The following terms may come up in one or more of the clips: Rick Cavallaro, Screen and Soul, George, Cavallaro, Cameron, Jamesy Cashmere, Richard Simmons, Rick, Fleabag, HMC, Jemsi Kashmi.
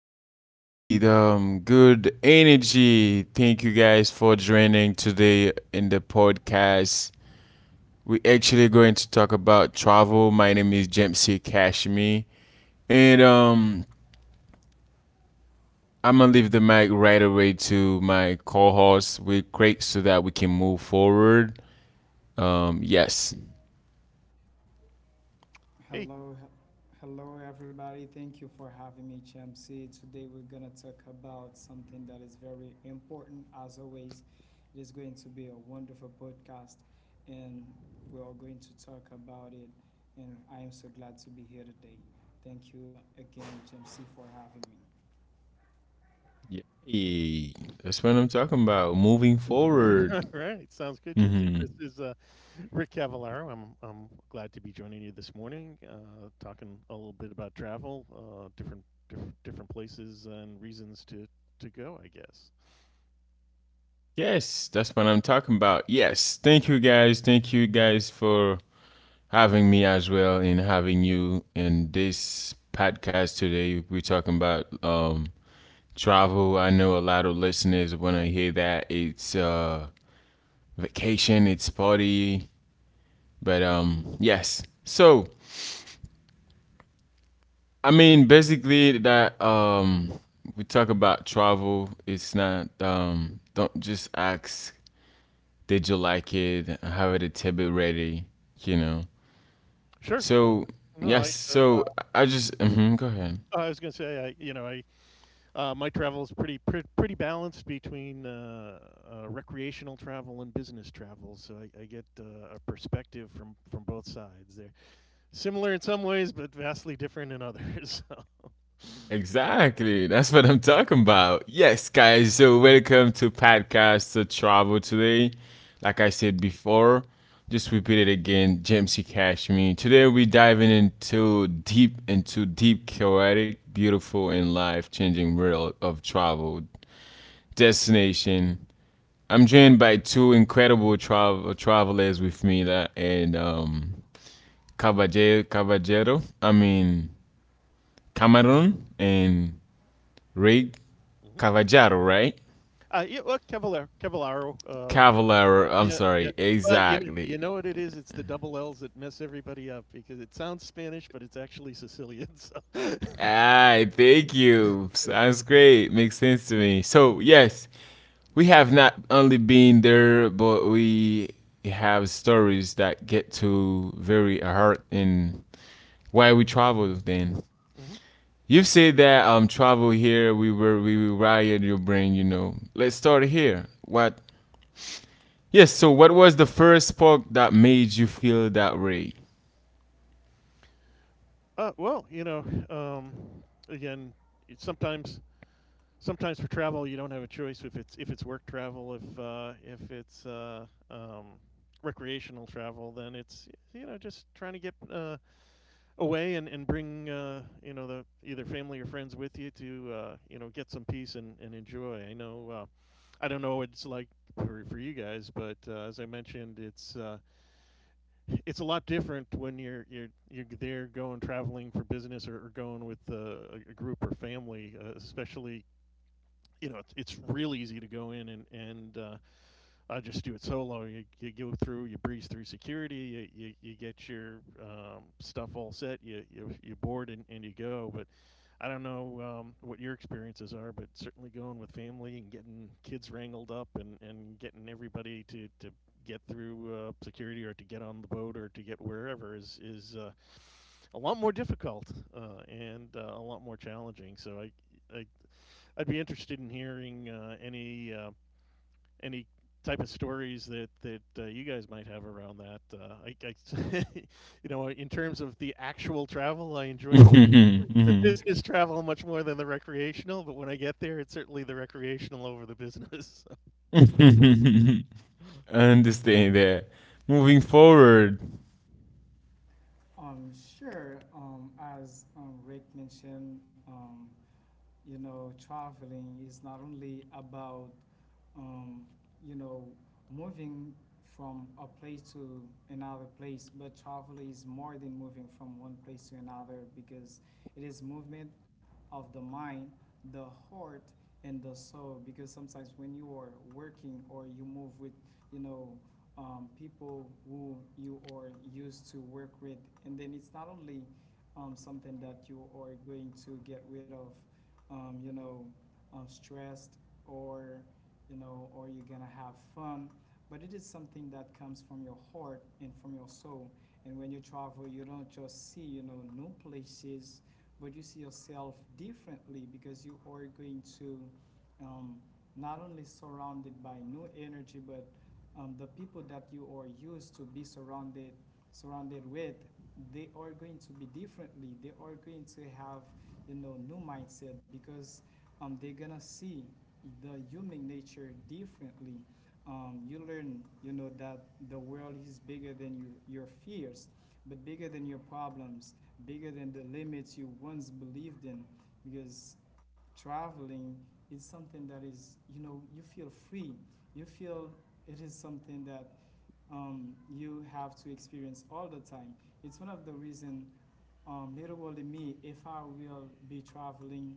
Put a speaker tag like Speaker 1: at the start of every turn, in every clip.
Speaker 1: all right. Good energy. Thank you guys for joining today in the podcast. We're actually going to talk about travel. My name is Jemsi Kashmi, and I'm gonna leave the mic right away to my co-host with Craig so that we can move forward. Yes,
Speaker 2: Hey.
Speaker 3: Hello, hello everybody. Thank you for having me, HMC. Today we're gonna talk about something that is very important. As always, it is going to be a wonderful podcast, and we are going to talk about it. And I am so glad to be here today. Thank you again, HMC, for having me.
Speaker 1: yay. That's what I'm talking about. Moving
Speaker 2: All
Speaker 1: forward.
Speaker 2: right. Sounds good, Gypsy.
Speaker 1: Hmm.
Speaker 2: This is Rick Cavallaro. I'm glad to be joining you this morning, talking a little bit about travel, different places and reasons to go, I guess.
Speaker 1: Yes, that's what I'm talking about. Yes, thank you guys. Thank you guys for having me as well and having you in this podcast today. We're talking about travel. I know a lot of listeners when I hear that it's vacation, it's party, but yes. So I mean, basically that we talk about travel. It's not don't just ask, did you like it? How did Tibet ready? You know.
Speaker 2: Sure.
Speaker 1: So
Speaker 2: No,
Speaker 1: yes, so I just go ahead.
Speaker 2: I was going to say, I, you know, I, my travel is pretty, pretty balanced between recreational travel and business travel. So I get a perspective from both sides there. Similar in some ways, but vastly different in others. So.
Speaker 1: Exactly, that's what I'm talking about. Yes, guys. So welcome to podcast to travel today. Like I said before, just repeat it again. Jamesy Cashmere. Today we're diving into deep, chaotic, beautiful, and life-changing world of travel destination. I'm joined by two incredible travelers with me, that and Caballero, I mean Cameron and Rick,
Speaker 2: Mhm.
Speaker 1: Cavallaro, right?
Speaker 2: Yeah, well, Cavallaro
Speaker 1: Cavallaro, I'm
Speaker 2: yeah, yeah.
Speaker 1: sorry,
Speaker 2: Well,
Speaker 1: exactly.
Speaker 2: you know what it is? It's the double L's that mess everybody up because it sounds Spanish, but it's actually Sicilian, so yeah,
Speaker 1: Ah, thank
Speaker 3: Mhm.
Speaker 1: you. Sounds great. Makes sense to me.
Speaker 2: yeah,
Speaker 1: So yes, we have not only been there, but we have stories that get to very heart and why we travel then.
Speaker 2: mhm.
Speaker 1: You say that travel here, we will riot your brain, you know. Let's start here. What Yes, so what was the first spark that made you feel that way?
Speaker 2: Well, um, again, it's sometimes sometimes for travel, you don't have a choice if it's work travel, if recreational travel, then it's, you know, just trying to get, away and bring you know the either family or friends with you to you know get some peace and enjoy. I know I don't know what it's like for you guys, but as I mentioned, it's a lot different when you're you're there going traveling for business or going with a group or family, especially. You know, it's real easy to go in and I just do it solo. You go through, you breeze through security, you get your stuff all set, you board and you go. But I don't know what your experiences are, but certainly going with family and getting kids wrangled up and getting everybody to get through security or to get on the boat or to get wherever is a lot more difficult and a lot more challenging. So I, I'd be interested in hearing any type of stories that that you guys might have around that. You know, in terms of the actual travel, I enjoyed the
Speaker 1: Mhm,
Speaker 2: business travel much more than the recreational. But when I get there, it's certainly the recreational over the business.
Speaker 1: mhm. I understand that. Moving forward.
Speaker 3: Sure. As Rick mentioned, traveling is not only about um, you know, moving from a place to another place, but travel is more than moving from one place to another because it is movement of the mind, the heart, and the soul. Because sometimes when you are working or you move with, you know, people who you are used to work with, and then it's not only something that you are going to get rid of, um, you know, stressed or you know, or you're gonna have fun. But it is something that comes from your heart and from your soul. And when you travel, you don't just see, you know, new places, but you see yourself differently because you are going to, um, not only surrounded by new energy, but the people that you are used to be surrounded with, they are going to be differently. They are going to have, you know, new mindset because they're gonna see the human nature differently. You learn, you know, that the world is bigger than you, your fears, but bigger than your problems, bigger than the limits you once believed in. Because traveling is something that is, you know, you feel free. You feel it is something that you have to experience all the time. It's one of the reasons, literally me, if I will be traveling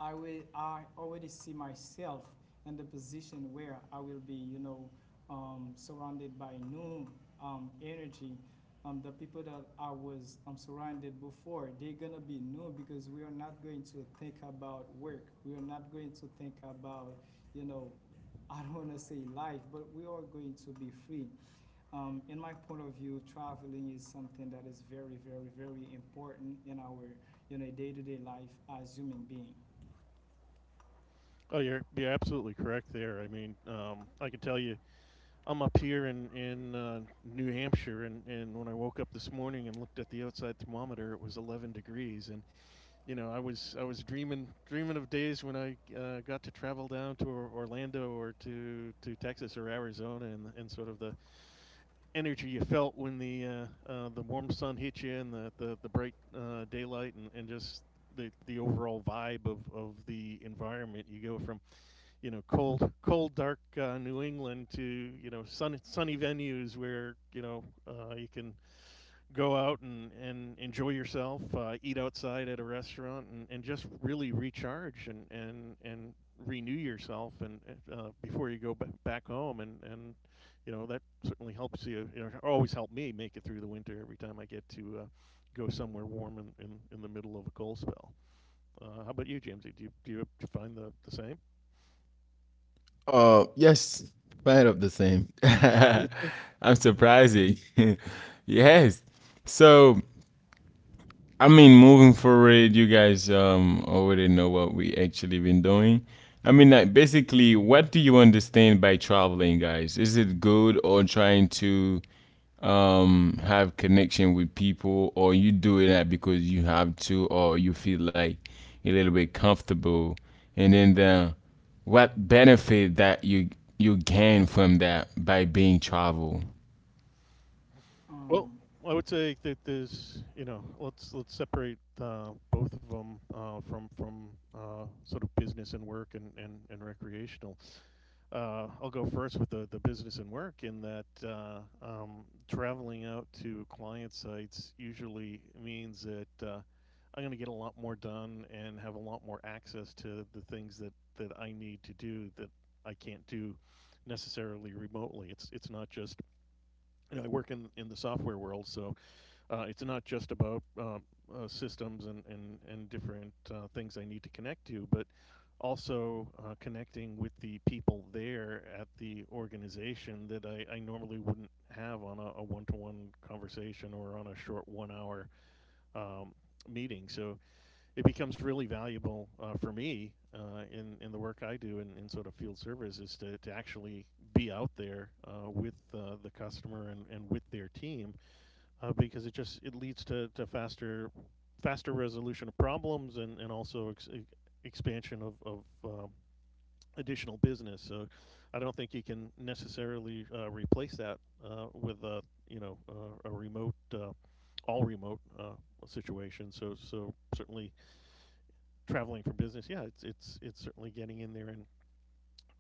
Speaker 3: I already see myself in the position where I will be, you know, surrounded by new energy. The people that I was surrounded before, they're gonna be new because we are not going to think about work. We are not going to think about, you know, I don't wanna say life, but we are going to be free. In my point of view, traveling is something that is very, very, very important in our, you know, day-to-day life as human being.
Speaker 2: Oh, you're absolutely correct there. I mean, I can tell you, I'm up here in New Hampshire, and when I woke up this morning and looked at the outside thermometer, it was 11 degrees, and you know, I was dreaming of days when I got to travel down to Orlando to Texas or Arizona, and sort of the energy you felt when the warm sun hit you and the bright daylight and just the overall vibe of the environment. You go from you know cold dark New England to you know sunny venues where you know you can go out and enjoy yourself, eat outside at a restaurant, and just really recharge and renew yourself and before you go back home. You know, that certainly helps you. You know, always helped me make it through the winter every time I get to go somewhere warm in the middle of a cold spell. How about you, Jamesy? Do you find the same?
Speaker 1: Yes, kind of the same. I'm surprising. Yes. So I mean, moving forward, you guys already know what we actually been doing. I mean, like, basically, what do you understand by traveling, guys? Is it good or trying to have connection with people, or you doing that because you have to, or you feel like a little bit comfortable? And then the what benefit that you gain from that by being travel?
Speaker 2: Well,
Speaker 3: Um,
Speaker 2: I would say that there's, you know, let's separate both of them from sort of business and work and and, recreational. I'll go first with the business and work in that traveling out to client sites usually means that I'm going to get a lot more done and have a lot more access to the things that I need to do that I can't do necessarily remotely. It's not just you know I work in the software world, so it's not just about systems and different things I need to connect to, but also connecting with the people there at the organization that I normally wouldn't have on a one to one conversation or on a short 1 hour um, meeting. So it becomes really valuable for me in the work I do in sort of field service is to actually be out there with the customer and with their team because it just it leads to faster resolution of problems and also expansion of additional business. So I don't think you can necessarily replace that with a you know a remote all remote situation. So certainly traveling for business, yeah, it's certainly getting in there and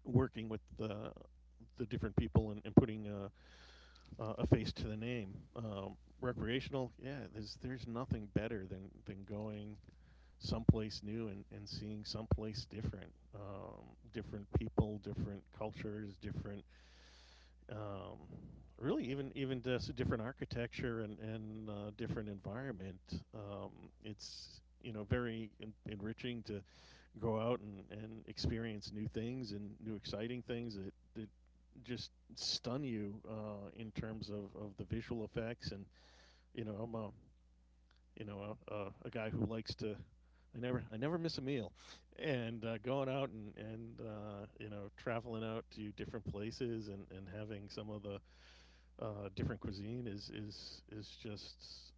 Speaker 2: working with the different people and putting a face to the name. Recreational, yeah, there's nothing better than going someplace new and seeing someplace different, um, different people, different cultures, different, um, really even just different architecture and different environment. Um, it's you know very enriching to go out and experience new things and new exciting things that just stun you in terms of the visual effects. And you know, I'm a you know a guy who likes to. I never miss a meal, and going out and you know traveling out to different places and having some of the different cuisine is just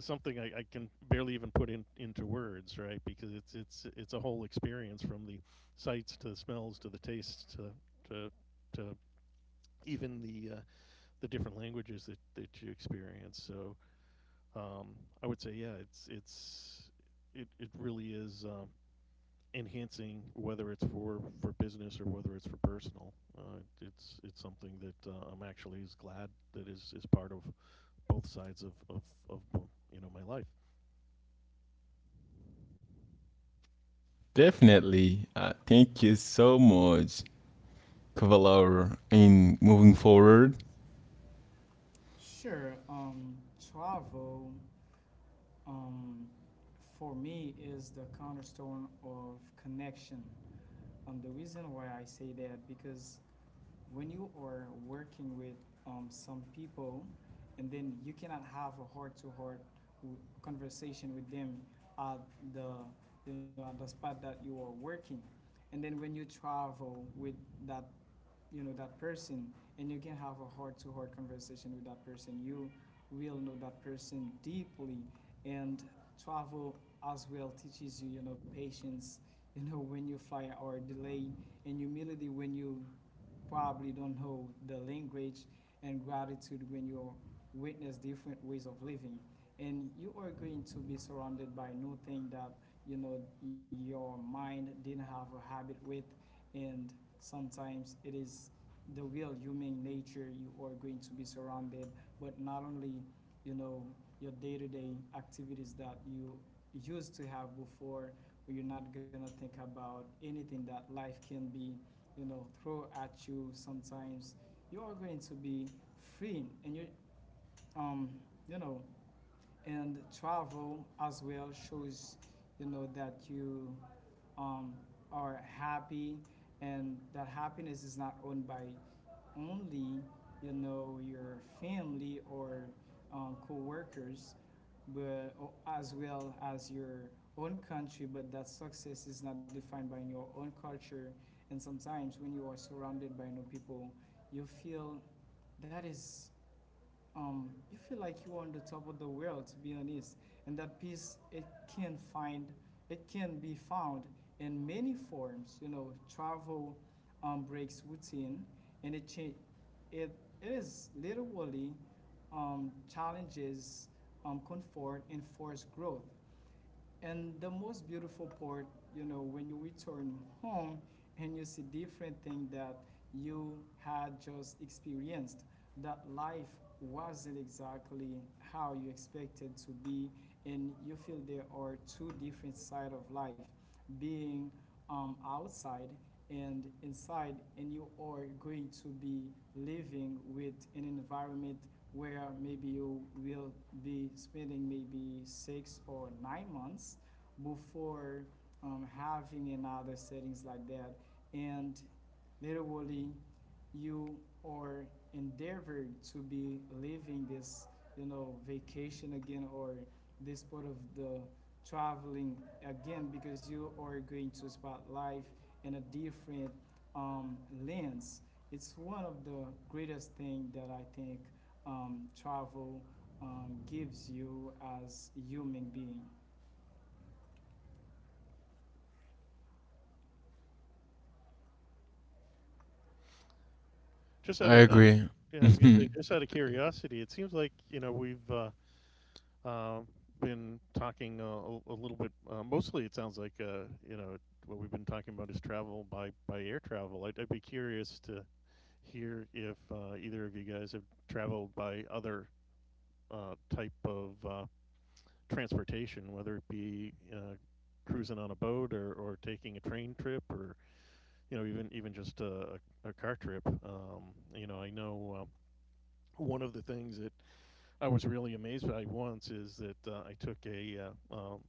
Speaker 2: something I can barely even put in into words, right? Because it's a whole experience from the sights to the smells to the tastes to to even the different languages that you experience. So um, I would say, yeah, it, it really is enhancing whether it's for business or whether it's for personal. It's something that I'm actually is glad that is part of both sides of you know my life.
Speaker 1: Definitely. Thank you so much. Cavalaro in moving forward.
Speaker 3: sure. Um, Travel, um, for me is the cornerstone of connection. The reason why I say that because when you are working with some people, and then you cannot have a conversation with them at the you know at the spot that you are working, and then when you travel with that you know that person and you can have a heart-to-heart conversation with that person you will know that person deeply, and travel as well teaches you you know patience, you know, when you fly or delay, and humility when you probably don't know the language, and gratitude when you witness different ways of living. And you are going to be surrounded by new thing that you know your mind didn't have a habit with, and sometimes it is the real human nature you are going to be surrounded, but not only you know your day-to-day activities that you used to have before. Where You're not gonna think about anything that life can be you know throw at you sometimes. You are going to be free, and um you know travel as well shows you know that you um, are happy, and that happiness is not owned by only you know your family or co-workers, but as well as your own country, but that success is not defined by your own culture. And sometimes when you are surrounded by new people you feel that is you feel like you are on the top of the world, to be honest. And that peace, can find, it can be found in many forms. You know, travel breaks routine, and it cha- it it is literally challenges comfort and forced growth. And the most beautiful part, you know, when you return home and you see different things that you had just experienced, that life wasn't exactly how you expected to be, and you feel there are two different side of life, being outside and inside, and you are going to be living with an environment where maybe you will be spending maybe 6 or 9 months before having another settings like that, and literally you are endeavored to be living this you know vacation again, or this part of the traveling again, because you are going to spot life in a different um, lens. It's one of the greatest things that I think travel gives you as a human being.
Speaker 2: Just
Speaker 1: I
Speaker 2: out of
Speaker 1: agree.
Speaker 2: Yeah, I was gonna say, just out of curiosity, it seems like you know we've uh, been talking a little bit. Mostly, it sounds like you know what we've been talking about is travel by air travel. I'd be curious to hear if either of you guys have traveled by other type of transportation, whether it be cruising on a boat or taking a train trip or you know even just a car trip. You know, I know. One of the things that I was really amazed by once is that I took a uh, um,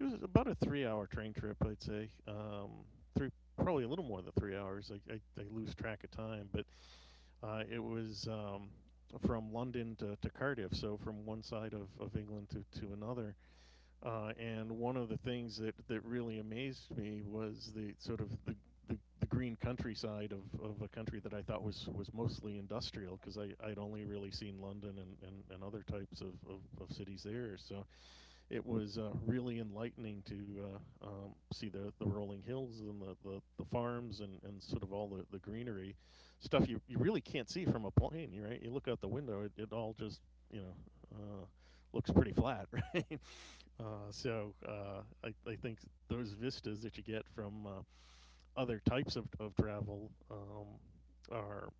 Speaker 2: it was about a 3 hour train trip I'd say three probably a little more than 3 hours I lose track of time but it was from London to Cardiff, so from one side of England to another and one of the things that really amazed me was the sort of the green countryside of a country that I thought was mostly industrial because I'd only really seen London and other types of cities there. So it was really enlightening to see the rolling hills and the farms and sort of all the greenery stuff you really can't see from a plane, right? You look out the window, it all just, you know, uh, looks pretty flat, right? I think those vistas that you get from other types of travel are,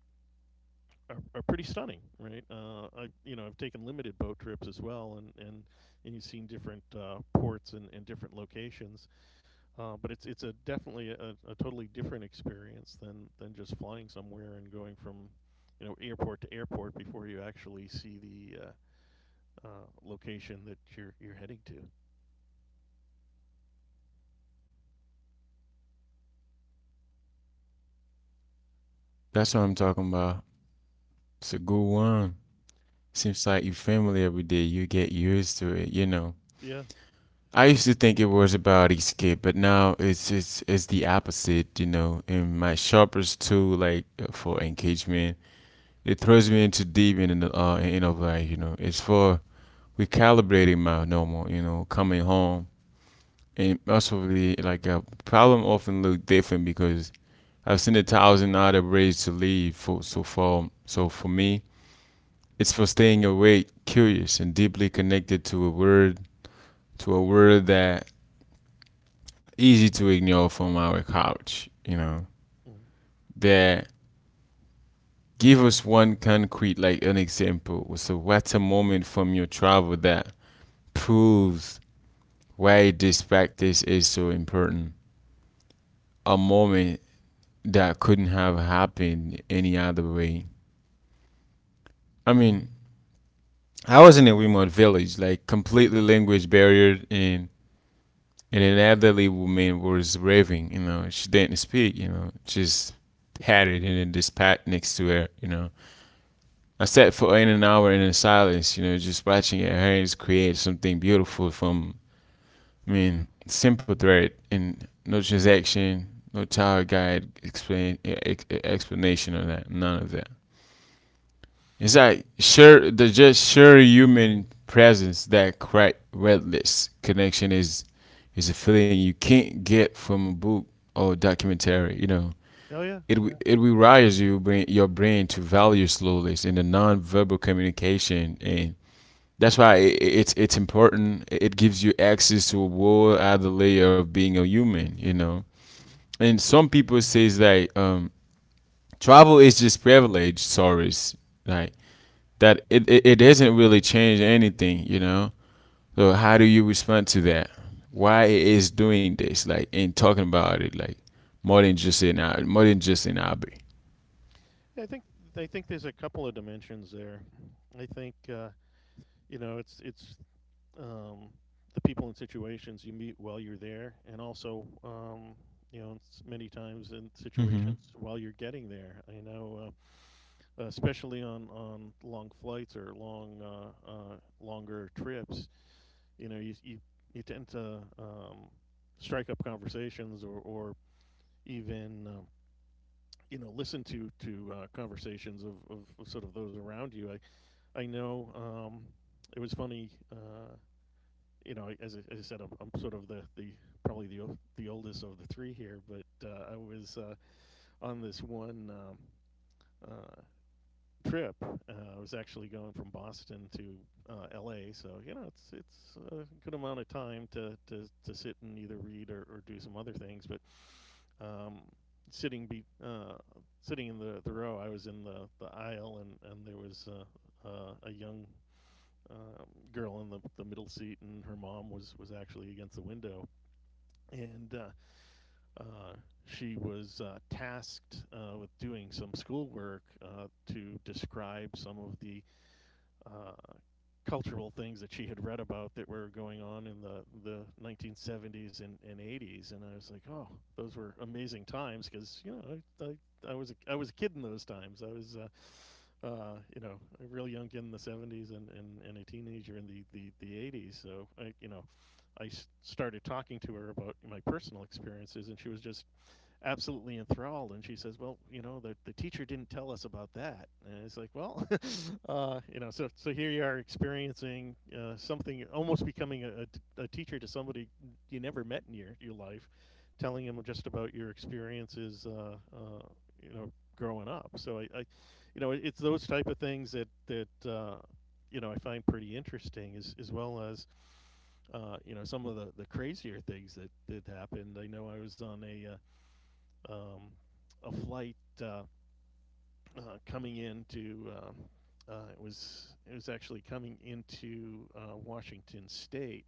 Speaker 2: are pretty stunning, right? I you know I've taken limited boat trips as well, and you've seen different ports and different locations, but it's a definitely a totally different experience than just flying somewhere and going from you know airport to airport before you actually see the location that you're heading to.
Speaker 1: That's what I'm talking about. It's a good one. Seems like you family every day. You get used to it, you know.
Speaker 2: Yeah,
Speaker 1: I
Speaker 2: yeah.
Speaker 1: used to think it was about escape, but now it's the opposite, you know. And my shoppers too, like for engagement, it throws me into deep in the in of, like, you know, it's for recalibrating my normal, you know, coming home, and most the like a problem often look different because I've seen a thousand other ways to live. For me, it's for staying awake, curious, and deeply connected to a word that easy to ignore from our couch. You know,
Speaker 2: Mhm.
Speaker 1: that give us one concrete, like, an example. So what's a moment from your travel that proves why this practice is so important? A moment that couldn't have happened any other way. I mean, I was in a remote village, like completely language barrier, and an elderly woman was raving. You know, she didn't speak. You know, just patted in a dispatch next to her. You know, I sat for in an hour in silence. You know, just watching her hands create something beautiful from. I mean, simple thread and no transaction, no tower guide explain explanation on that. None of that. It's like sure the just sure human presence that crack redless connection is a feeling you can't get from a book or documentary. You know,
Speaker 2: Oh yeah,
Speaker 1: it w-
Speaker 2: yeah.
Speaker 1: it rewires your brain to value slowness in the non-verbal communication, and that's why it's important. It gives you access to a whole other layer of being a human. You know, and some people says like travel is just privilege, sorries. Like, that it doesn't really change anything, you know? So how do you respond to that? Why it is doing this, like, and talking about it, like, more than just in our more than just in Abbey.
Speaker 2: Yeah, I think there's a couple of dimensions there. I think you know it's um, the people and situations you meet while you're there, and also you know it's many times in
Speaker 1: Hmm.
Speaker 2: situations while you're getting there. I know, especially on long flights or long longer trips, you know you you, you tend to strike up conversations or even you know listen to conversations of sort of those around you. I know it was funny. You know, as I said, I'm sort of the probably the oldest of the three here, but I was on this one uh, trip. I was actually going from Boston to L.A., so you know it's a good amount of time to to sit and either read or do some other things. But um, sitting be uh, sitting in the row, I was in the aisle, and there was a young uh, girl in the middle seat, and her mom was actually against the window, and uh, she was tasked with doing some schoolwork to describe some of the uh, cultural things that she had read about that were going on in the 1970s and 80s. And I was like, oh, those were amazing times because, you know, I, I was I was a kid in those times. I was, you know, a real young kid in the 70s and a teenager in the 80s. So, I, you know, started talking to her about my personal experiences, and she was just absolutely enthralled. And she says, "Well, you know, the teacher didn't tell us about that." And it's like, "Well, you know, so so here you are experiencing something, almost becoming a teacher to somebody you never met in your life, telling them just about your experiences, you know, growing up." So you know, it's those type of things that. You know, I find pretty interesting, as well as you know some of the crazier things that happened. I know I was on um, a flight uh, coming into it was actually coming into Washington State,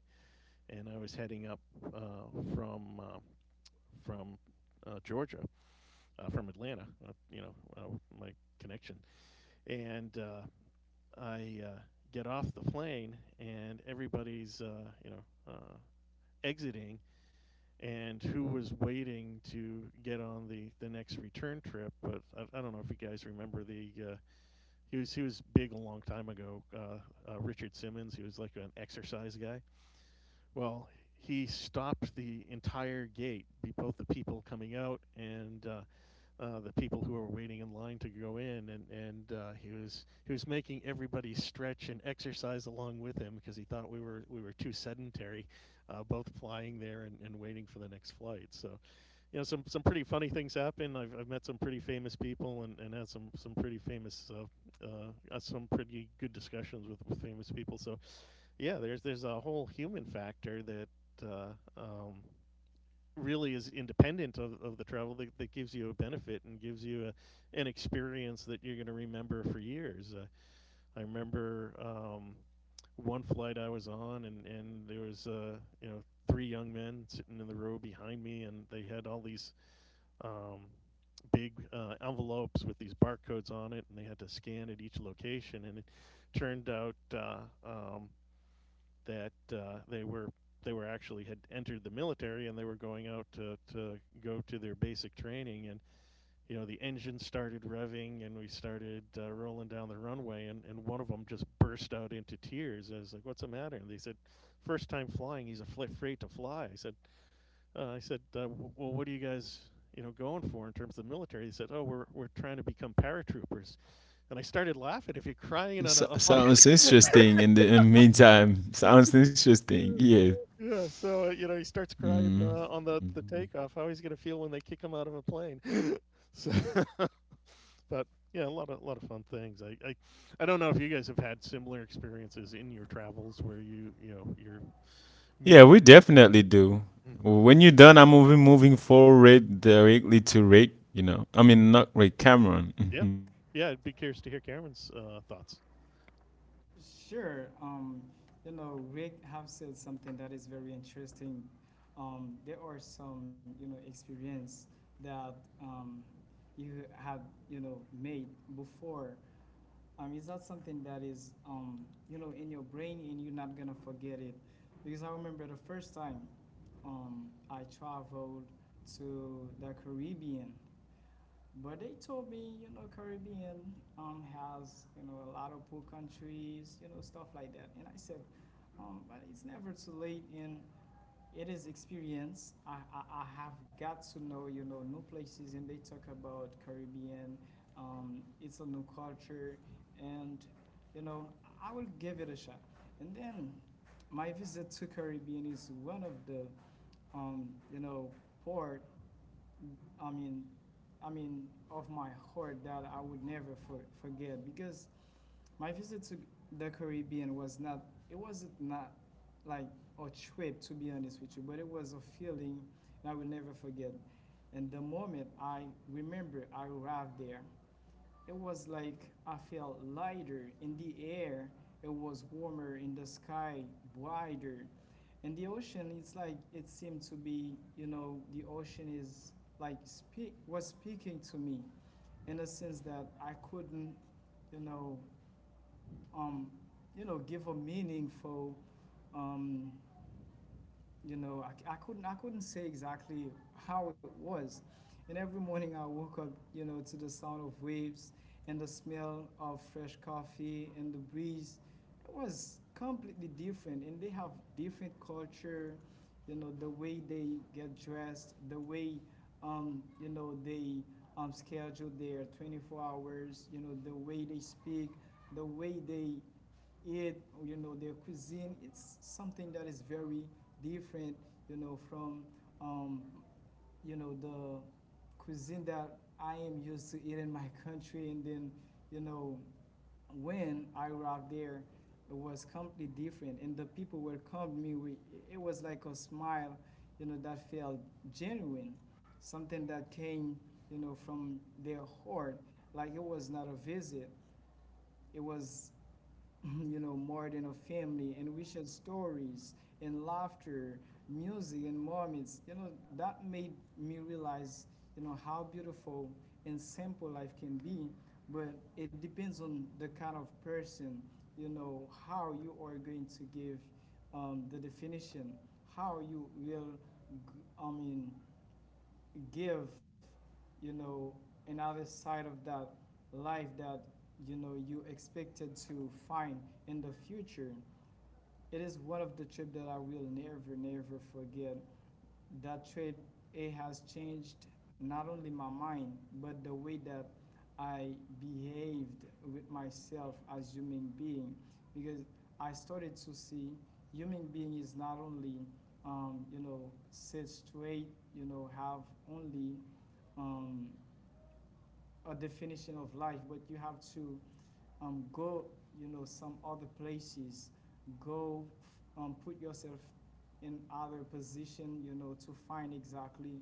Speaker 2: and I was heading up uh, from uh, from Georgia, from Atlanta. You know, uh, my connection, and I get off the plane, and everybody's you know exiting and who was waiting to get on the next return trip. But I don't know if you guys remember the he was big a long time ago. Richard Simmons, he was like an exercise guy. Well, he stopped the entire gate, both the people coming out and the people who were waiting in line to go in, and he was making everybody stretch and exercise along with him because he thought we were too sedentary, both flying there and waiting for the next flight. So you know some pretty funny things happen. I've met some pretty famous people and had some pretty famous some pretty good discussions with famous people. So yeah, there's a whole human factor that uh, um, really is independent of the travel that gives you a benefit and gives you a, an experience that you're going to remember for years. I remember one flight I was on and there was you know three young men sitting in the row behind me and they had all these um, big envelopes with these barcodes on it, and they had to scan at each location. And it turned out um, that they were actually had entered the military and they were going out to go to their basic training and you know the engine started revving and we started rolling down the runway, and one of them just burst out into tears. I was like, what's the matter? And they said, first time flying, he's afraid to fly. I said "Well, what are you guys, you know, going for in terms of the military?" He said, "Oh, we're trying to become paratroopers." And I started laughing. If you're crying on
Speaker 1: So,
Speaker 2: a flight,
Speaker 1: sounds interesting in the meantime. Sounds interesting. Yeah.
Speaker 2: yeah. So you know, he starts crying
Speaker 1: Hmm.
Speaker 2: on the takeoff. How he's gonna feel when they kick him out of a plane? So, but yeah, a lot of fun things. I don't know if you guys have had similar experiences in your travels where you know you're
Speaker 1: Yeah,
Speaker 2: meaning.
Speaker 1: we definitely do.
Speaker 2: Mm,
Speaker 1: When you're done, I'm moving forward directly to Rick. You know, I mean not Rick, Cameron.
Speaker 2: yeah, yeah. I'd be curious to hear Cameron's thoughts.
Speaker 3: Sure. Um, you know, Rick have said something that is very interesting. There are some, you know, experience that um, you had, you know, made before. Is that something that is, you know, in your brain and you're not gonna forget it? Because I remember the first time I traveled to the Caribbean, but they told me, you know, Caribbean has, you know, a lot of poor countries, you know, stuff like that. And I said, but it's never too late. And it is experience. I have got to know, you know, new places. And they talk about Caribbean. It's a new culture. And, you know, I will give it a shot. And then my visit to Caribbean is one of the, you know, port I mean, I mean, of my heart that I would never forget, because my visit to the Caribbean was not, it wasn't not like a trip to be honest with you, but it was a feeling and I will never forget. And the moment I remember I arrived there, it was like I felt lighter in the air. It was warmer in the sky, wider. And the ocean, it's like it seemed to be, you know, the ocean is speaking to me in a sense that I couldn't, you know, um, give a meaningful um, I could not I, c- I couldn't say exactly how it was. And every morning I woke up, you know, to the sound of waves and the smell of fresh coffee and the breeze. It was completely different, and they have different culture. You know, the way they get dressed, the way, you know, they schedule their 24 hours. You know, the way they speak, the way they it you know, their cuisine. It's something that is very different, you know, from, um, you know, the cuisine that I am used to eat in my country. And then, you know, when I arrived there, it was completely different. And the people welcomed me. It was like a smile, you know, that felt genuine, something that came, you know, from their heart. Like it was not a visit. It was you know, more than a family, and we shared stories and laughter, music and moments. You know, that made me realize, you know, how beautiful and simple life can be. But it depends on the kind of person, you know, how you are going to give the definition, how you will, I mean, give, you know, another side of that life that, you know, you expected to find in the future. It is one of the trip that I will never, never forget. That trip, it has changed not only my mind, but the way that I behaved with myself as human being. Because I started to see human being is not only um, you know, sit straight, you know, have only um, a definition of life, but you have to go, you know, some other places, go put yourself in other position, you know, to find exactly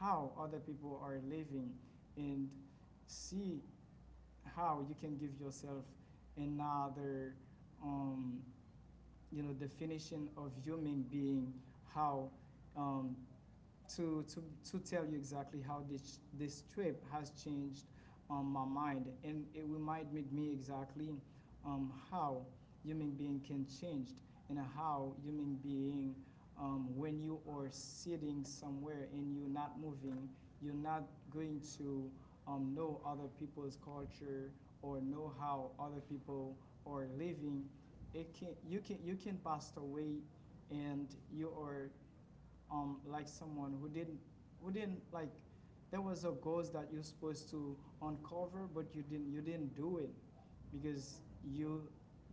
Speaker 3: how other people are living, and see how you can give yourself another, um, you know, definition of human being, how um, to, to, to tell you exactly how this trip has changed my mind. And it reminded me exactly how human being can change, and how human being, when you are sitting somewhere and you're not moving, you're not going to know other people's culture or know how other people are living. It can, you, can, you can pass away and you are like someone who didn't like there was a goals that you're supposed to uncover but you didn't do it because you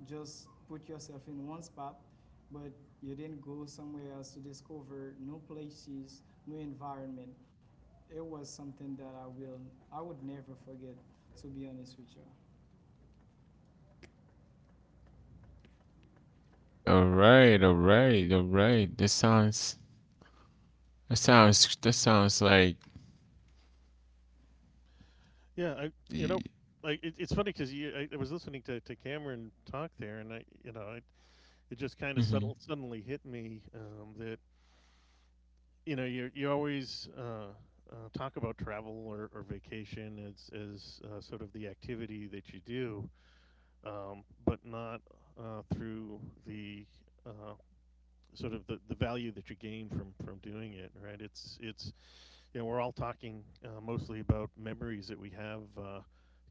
Speaker 3: just put yourself in one spot, but you didn't go somewhere else to discover new places, new environment. It was something that I would never forget, to be honest with you.
Speaker 1: All right, all right, all right. This sounds That sounds like
Speaker 2: Yeah, I you know, it's funny because I was listening to Cameron talk there, and I you know it, it just kind of
Speaker 1: mm-hmm.
Speaker 2: settled suddenly hit me that you know you always talk about travel or vacation as sort of the activity that you do, but not through the uh, sort of the value that you gain from doing it, right? It's you know we're all talking mostly about memories that we have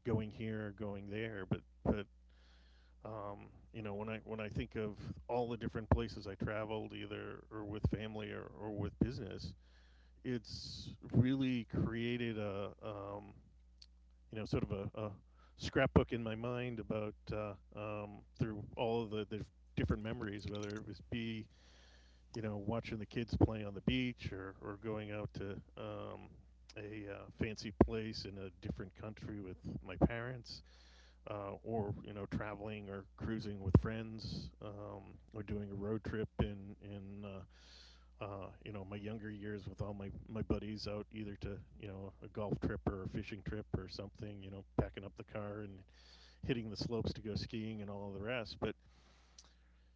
Speaker 2: going here, going there, but um, you know when I think of all the different places I traveled, either or with family or with business, it's really created a you know sort of a scrapbook in my mind about through all of the different memories, whether it was be you know, watching the kids play on the beach or going out to um, a fancy place in a different country with my parents, or you know, traveling or cruising with friends, or doing a road trip in you know my younger years with all my buddies out either to you know a golf trip or a fishing trip or something. You know, packing up the car and hitting the slopes to go skiing and all of the rest. But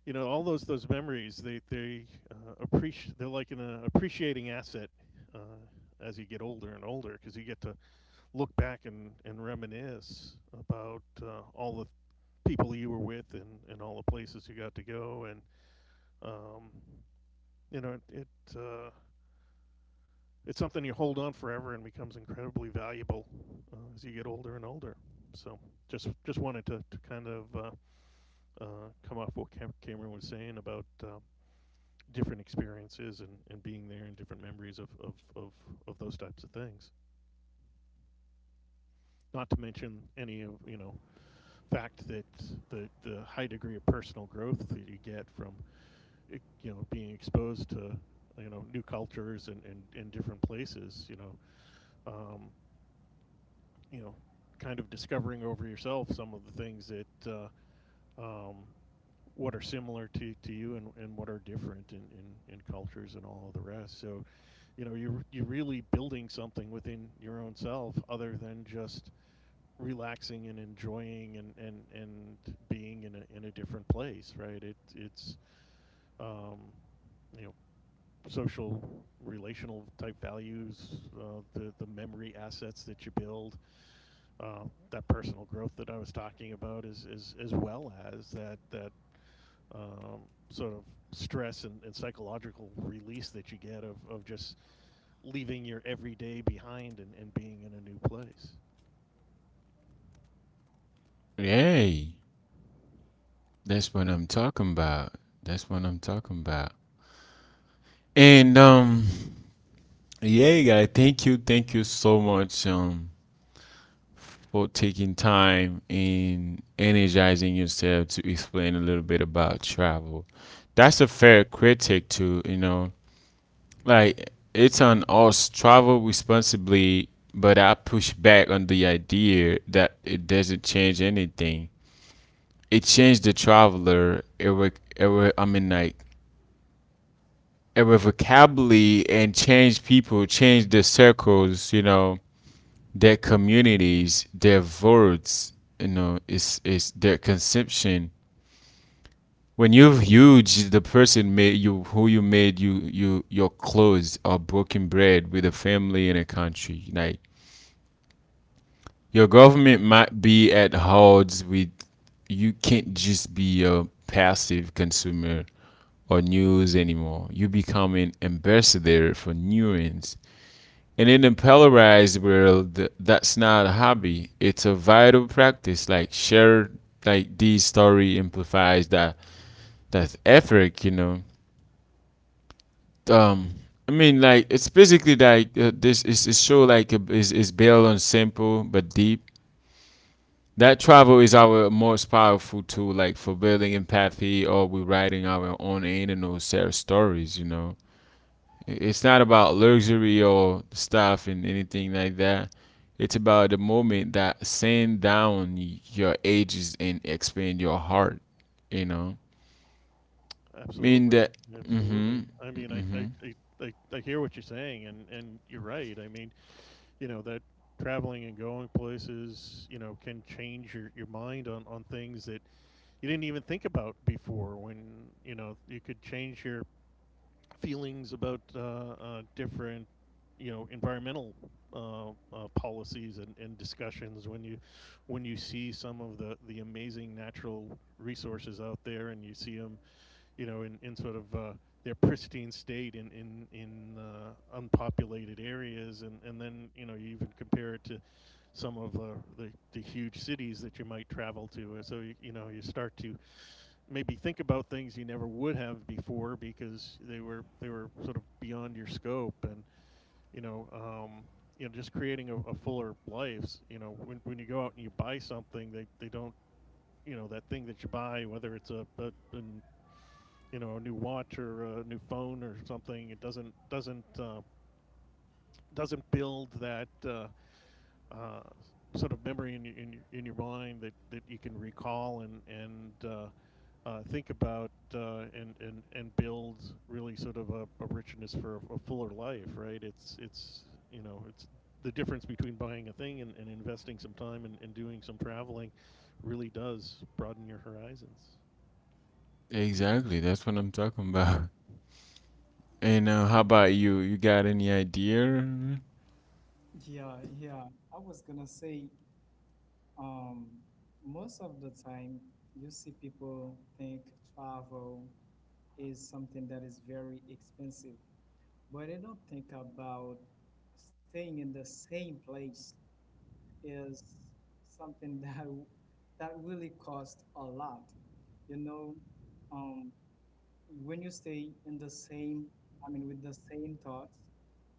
Speaker 2: you know all those memories they appreciate they're like an appreciating asset uh, as you get older and older because you get to look back and reminisce about all the people you were with and all the places you got to go and um, you know it's something you hold on forever and becomes incredibly valuable as you get older and older. So just wanted to kind of come off what Cameron was saying about different experiences and being there and different memories of those types of things. Not to mention any of you know fact that the high degree of personal growth that you get from you know being exposed to you know new cultures and different places. Um, you know kind of discovering over yourself some of the things that um, what are similar to you and what are different in, in cultures and all of the rest. So you know you're really building something within your own self other than just relaxing and enjoying and and being in a different place, right? It it's um you know social relational type values the memory assets that you build uh, that personal growth that I was talking about is as well as that that um, sort of stress and psychological release that you get of just leaving your everyday behind and being in a new place.
Speaker 1: Yay. That's what I'm talking about. That's what I'm talking about. And yeah, guy, thank you. Thank you so much for taking time and energizing yourself to explain a little bit about travel. That's a fair critic to, you know, like, it's on us travel responsibly, but I push back on the idea that it doesn't change anything. It changed the traveler I mean, like, irrevocably, and changed people, changed their circles, you know, their communities, their votes, you know. It's their conception when you are huge the person made you who you made you your clothes are broken bread with a family in a country like your government might be at odds with, you can't just be a passive consumer or news anymore. You become an ambassador for nuance. And in the polarized world, that's not a hobby. It's a vital practice. Like, share, like, this story amplifies that effort. You know, um, I mean, like, it's basically like, this is it's show like a, is built on simple but deep. That travel is our most powerful tool, like, for building empathy or we're writing our own internal self stories. You know, it's not about luxury or stuff and anything like that. It's about the moment that sand down your ages and expand your heart. You know, I mean
Speaker 2: Absolutely,
Speaker 1: that. Mm-hmm.
Speaker 2: absolutely. I mean,
Speaker 1: Mm-hmm.
Speaker 2: I hear what you're saying, and you're right. I mean, you know that traveling and going places, you know, can change your mind on things that you didn't even think about before. When you know you could change your feelings about different, environmental uh, policies and discussions when you see some of the amazing natural resources out there and you see them, you know, in sort of their pristine state in unpopulated areas, and then, you know, you even compare it to some of the huge cities that you might travel to. And so you know, you start to maybe think about things you never would have before because they were sort of beyond your scope. And you know um, just creating a fuller life, you know, when you go out and you buy something, they don't you know that thing that you buy, whether it's a an, you know a new watch or a new phone or something, it doesn't build that uh, sort of memory in your mind that you can recall and think about and build really sort of a richness for a fuller life, right? It's you know it's the difference between buying a thing and investing some time, and doing some traveling really does broaden your horizons.
Speaker 1: Exactly. That's what I'm talking about. And how
Speaker 3: And
Speaker 1: about you? You got any idea?
Speaker 3: yeah, yeah, I was gonna say, Um, most of the time, you see people think travel is something that is very expensive, but they don't think about staying in the same place is something that really costs a lot. You know, um, when you stay in the same, I mean, with the same thoughts,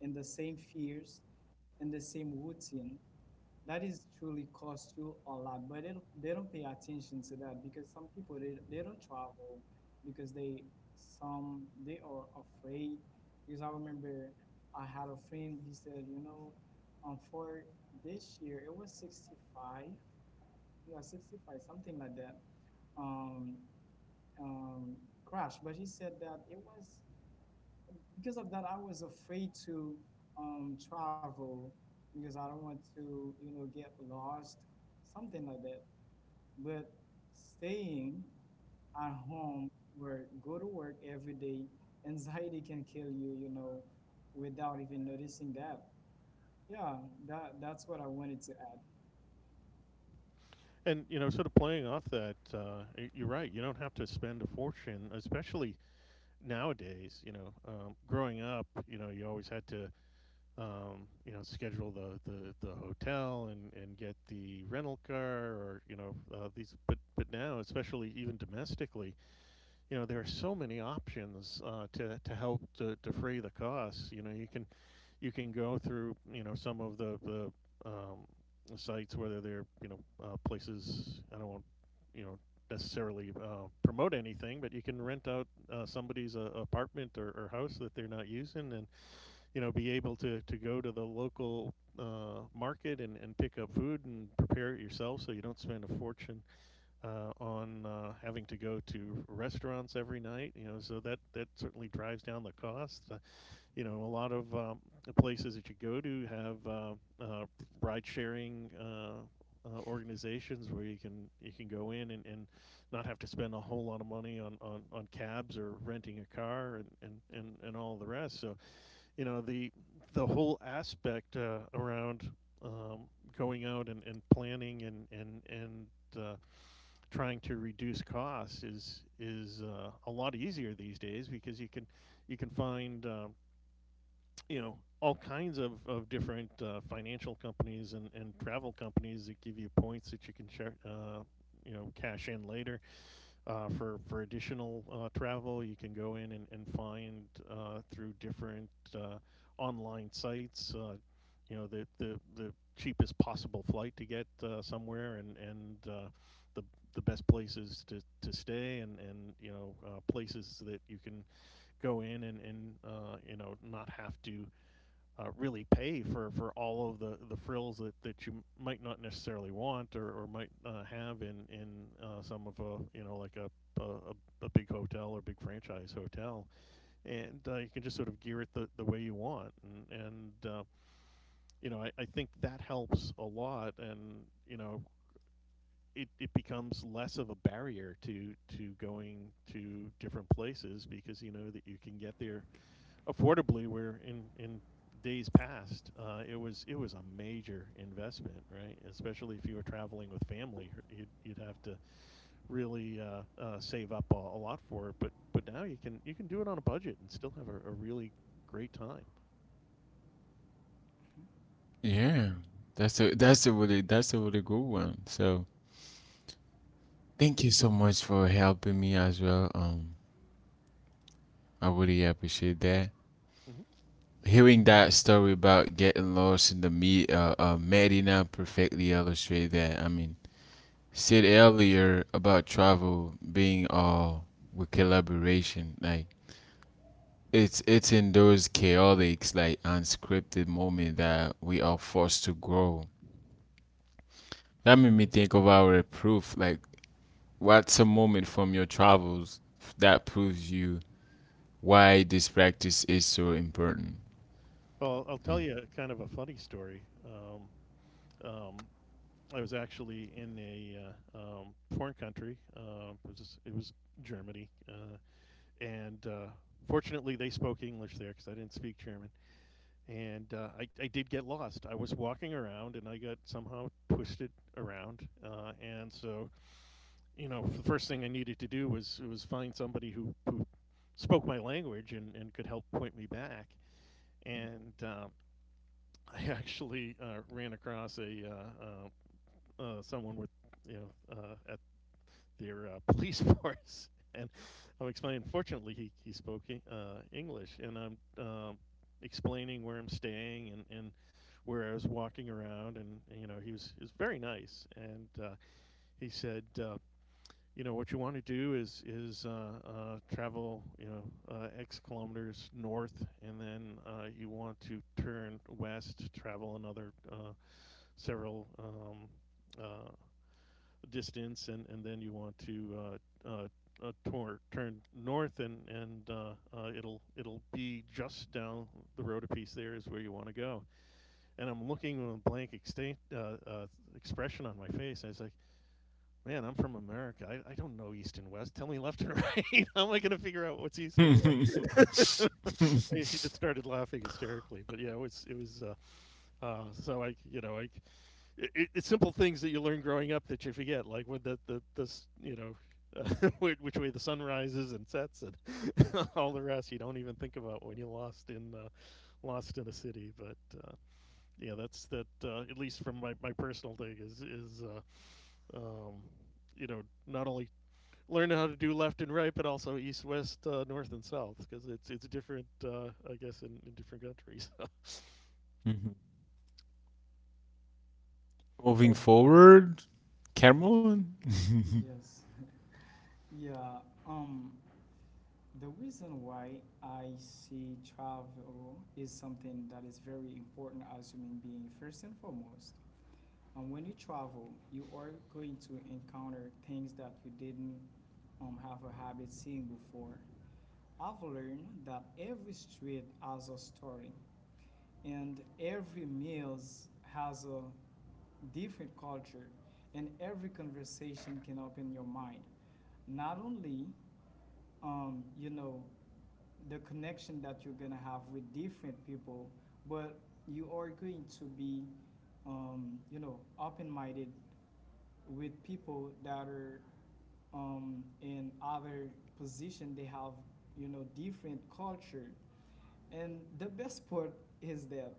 Speaker 3: in the same fears, in the same routine, that is truly cost you a lot, but they don't pay attention to that, because some people they don't travel because they some they are afraid. Because I remember I had a friend. He said, you know, for this year it was 65, yeah, 65 something like that, um, um, crash. But he said that it was because of that, I was afraid to travel because I don't want to, you know, get lost, something like that. But staying at home or go to work every day, anxiety can kill you, you know, without even noticing that. Yeah, that that's what I wanted to add.
Speaker 2: And, you know, sort of playing off that, you're right. You don't have to spend a fortune, especially nowadays. You know, growing up, you know, you always had to you know, schedule the hotel, and get the rental car, or, you know, these, but now, especially even domestically, you know, there are so many options, to help to defray the costs. You know, you can go through, you know, some of the, um, sites, whether they're, you know, places. I don't want, you know, necessarily promote anything, but you can rent out somebody's apartment, or house that they're not using, and, you know, be able to go to the local market, and pick up food and prepare it yourself, so you don't spend a fortune on having to go to restaurants every night. You know, so that certainly drives down the cost. You know, a lot of the places that you go to have uh, ride sharing organizations where you can go in, and not have to spend a whole lot of money on, on cabs, or renting a car, and all the rest. So, you know, the whole aspect around, um, going out, and planning, and uh, trying to reduce costs is a lot easier these days, because you can find, you know, all kinds of different financial companies, and travel companies that give you points that you can share, you know, cash in later for additional travel. You can go in, and find through different uh, online sites, you know, the cheapest possible flight to get somewhere, and the the best places to stay, and, you know, places that you can go in and you know, not have to really pay for all of the frills that you might not necessarily want, or might have in some of a, you know, like a, a big hotel or big franchise hotel. And you can just sort of gear it the way you want, and you know, I think that helps a lot. And, you know, it becomes less of a barrier to going to different places, because you know that you can get there affordably, where in days past it was a major investment, right? Especially if you were traveling with family, you'd have to really save up a lot for it. But now you can do it on a budget and still have a really great time.
Speaker 1: Yeah, that's a really good one. So thank you so much for helping me as well. I really appreciate that,
Speaker 2: Hmm.
Speaker 1: hearing that story about getting lost in the me Medina, perfectly illustrated that. I mean, said earlier about travel being all with collaboration. Like, it's in those chaotic, like, unscripted moment that we are forced to grow. That made me think of our proof. Like, what's a moment from your travels that proves you why this practice is so important?
Speaker 2: Well, I'll
Speaker 1: Yeah.
Speaker 2: tell you kind of a funny story. Um, I was actually in a foreign country. It was Germany. And Fortunately, they spoke English there, because I didn't speak German. And I did get lost. I was walking around and I got somehow twisted around, and so, you know, the first thing I needed to do was find somebody who spoke my language, and could help point me back. And I actually ran across a someone with, you know, uh, their police force. And I'm explaining. Fortunately, he spoke English, and I'm explaining where I'm staying, and where I was walking around, and, you know, he was very nice, and he said, you know, what you want to do is travel, you know, x kilometers north, and then you want to turn west, travel another several uh, distance, and then you want to turn north, and it'll be just down the road a piece. There is where you want to go. And I'm looking with a blank expression on my face. I was like, man, I'm from America. I don't know east and west. Tell me left and right. How am I going to figure out what's east and west? He just started laughing hysterically. But yeah, it was it was. So I you know I it, it's simple things that you learn growing up that you forget, like when the this you know. Uh, which way the sun rises and sets, and all the rest, you don't even think about when you lost in a city. But uh, yeah, that's that at least from my personal thing is um, you know, not only learning how to do left and right, but also east west, north and south, because it's different, I guess in different countries.
Speaker 1: Moving
Speaker 2: Would,
Speaker 1: forward, Cameron.
Speaker 3: Yes. Yeah. Um, the reason why I see travel is something that is very important as human being, first and foremost. And when you travel, you are going to encounter things that you didn't have a habit seeing before. I've learned that every street has a story, and every meal has a different culture, and every conversation can open your mind. Not only, you know, the connection that you're gonna have with different people, but you are going to be, you know, open-minded with people that are in other position. They have, you know, different culture. And the best part is that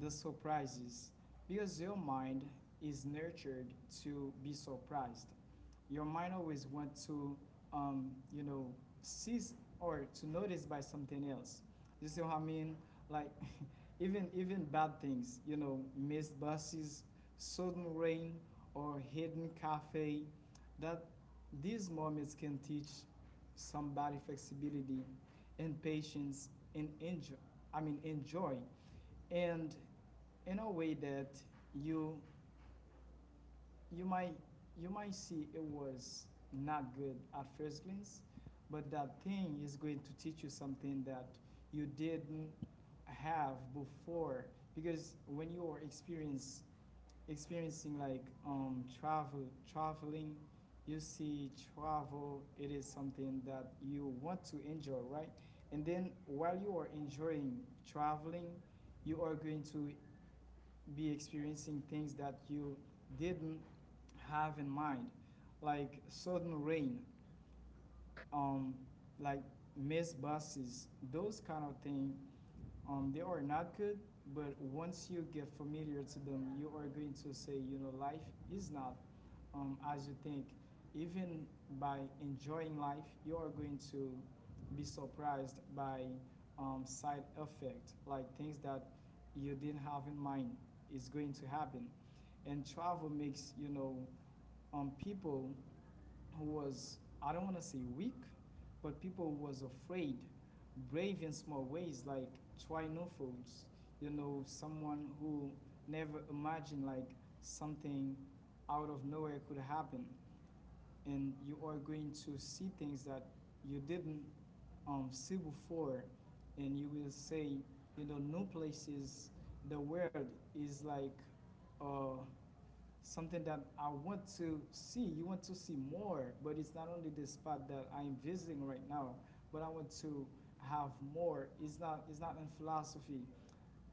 Speaker 3: the surprises, because your mind is nurtured to be surprised. Your mind always wants to, you know, seize or to notice by something else. You see what I mean? Like, even bad things, you know, missed buses, sudden rain, or hidden cafe. That these moments can teach somebody flexibility and patience and enjoy. I mean, enjoy, and in a way that you you might you might see it was not good at first glance, but that thing is going to teach you something that you didn't have before. Because when you are experience experiencing like traveling, you see travel. It is something that you want to enjoy, right? And then while you are enjoying traveling, you are going to be experiencing things that you didn't have in mind, like sudden rain, um, like missed buses. Those kind of things, they are not good, but once you get familiar to them, you are going to say, you know, life is not as you think. Even by enjoying life, you are going to be surprised by side effect, like things that you didn't have in mind is going to happen. And travel makes, you know, people who was, I don't want to say weak, but people who was afraid, brave in small ways, like try new trinovals, you know, someone who never imagined like something out of nowhere could happen, and you are going to see things that you didn't see before, and you will say, you know, new places, the world is like. Uh, Something that I want to see. You want to see more, but it's not only the spot that I'm visiting right now, but I want to have more. It's not in philosophy.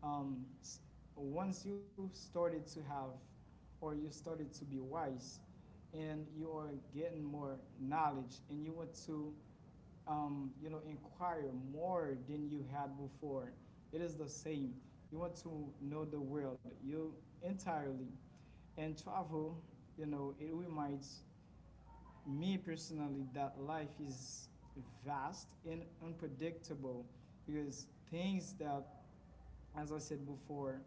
Speaker 3: Um, Once you started to have, or you started to be wise, and you are getting more knowledge, and you want to you know, inquire more than you had before. It is the same. You want to know the world you entirely. And travel, you know, it reminds me personally that life is vast and unpredictable, because things that, as I said before,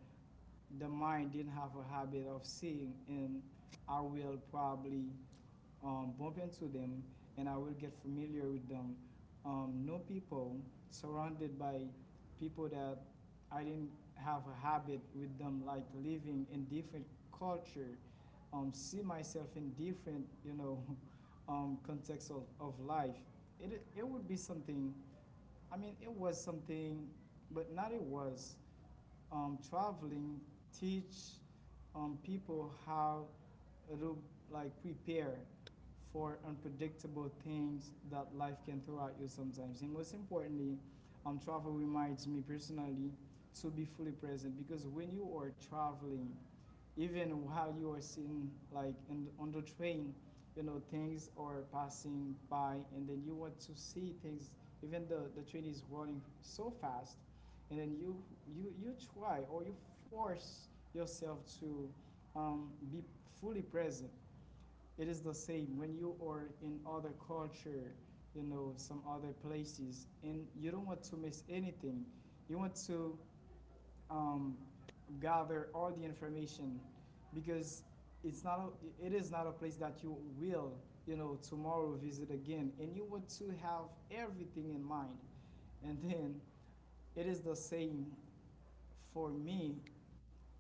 Speaker 3: the mind didn't have a habit of seeing, and I will probably bump into them, and I will get familiar with them. Know people surrounded by people that I didn't have a habit with them, like living in different culture. See myself in different, you know, context of life. It would be something, I mean, it was something, but not it was. Traveling teach people how it'll like prepare for unpredictable things that life can throw at you sometimes. And most importantly, travel reminds me personally to be fully present, because when you are traveling, even while you are sitting like in, on the train, you know, things are passing by, and then you want to see things even the train is running so fast. And then you try or you force yourself to be fully present. It is the same when you are in other culture, you know, some other places, and you don't want to miss anything. You want to um, gather all the information, because it's not a, it is not a place that you will, you know, tomorrow visit again, and you want to have everything in mind. And then it is the same for me,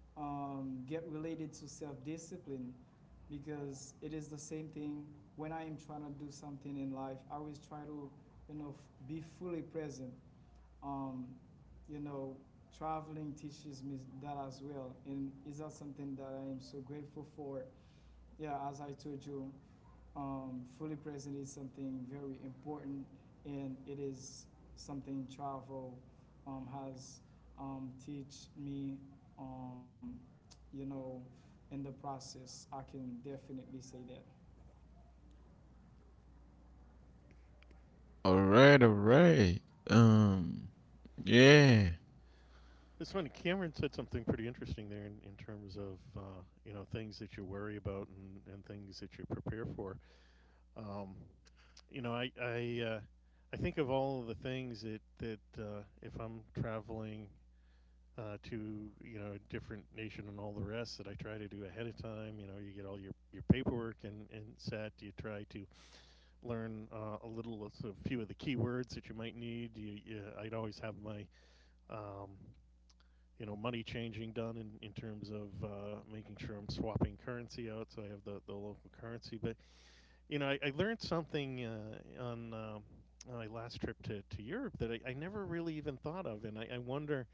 Speaker 3: get related to self-discipline, because it is the same thing. When I am trying to do something in life, I always try to, you know, be fully present. um, you know, traveling teaches me that as well, and is that something that I am so grateful for? Yeah, as I told you, fully present is something very important, and it is something travel has teach me. Um, you know, in the process, I can definitely say that.
Speaker 1: All right, all right. Um, yeah,
Speaker 2: It's funny. Cameron said something pretty interesting there, in terms of you know, things that you worry about, and things that you prepare for. Um, you know, I think of all of the things that if I'm traveling to, you know, a different nation and all the rest, that I try to do ahead of time. You know, you get all your paperwork, and set. You try to learn a few of the keywords that you might need. You I'd always have my um, you know, money changing done in terms of making sure I'm swapping currency out, so I have the local currency. But, you know, I learned something on my last trip to Europe that I never really even thought of. And I wonder,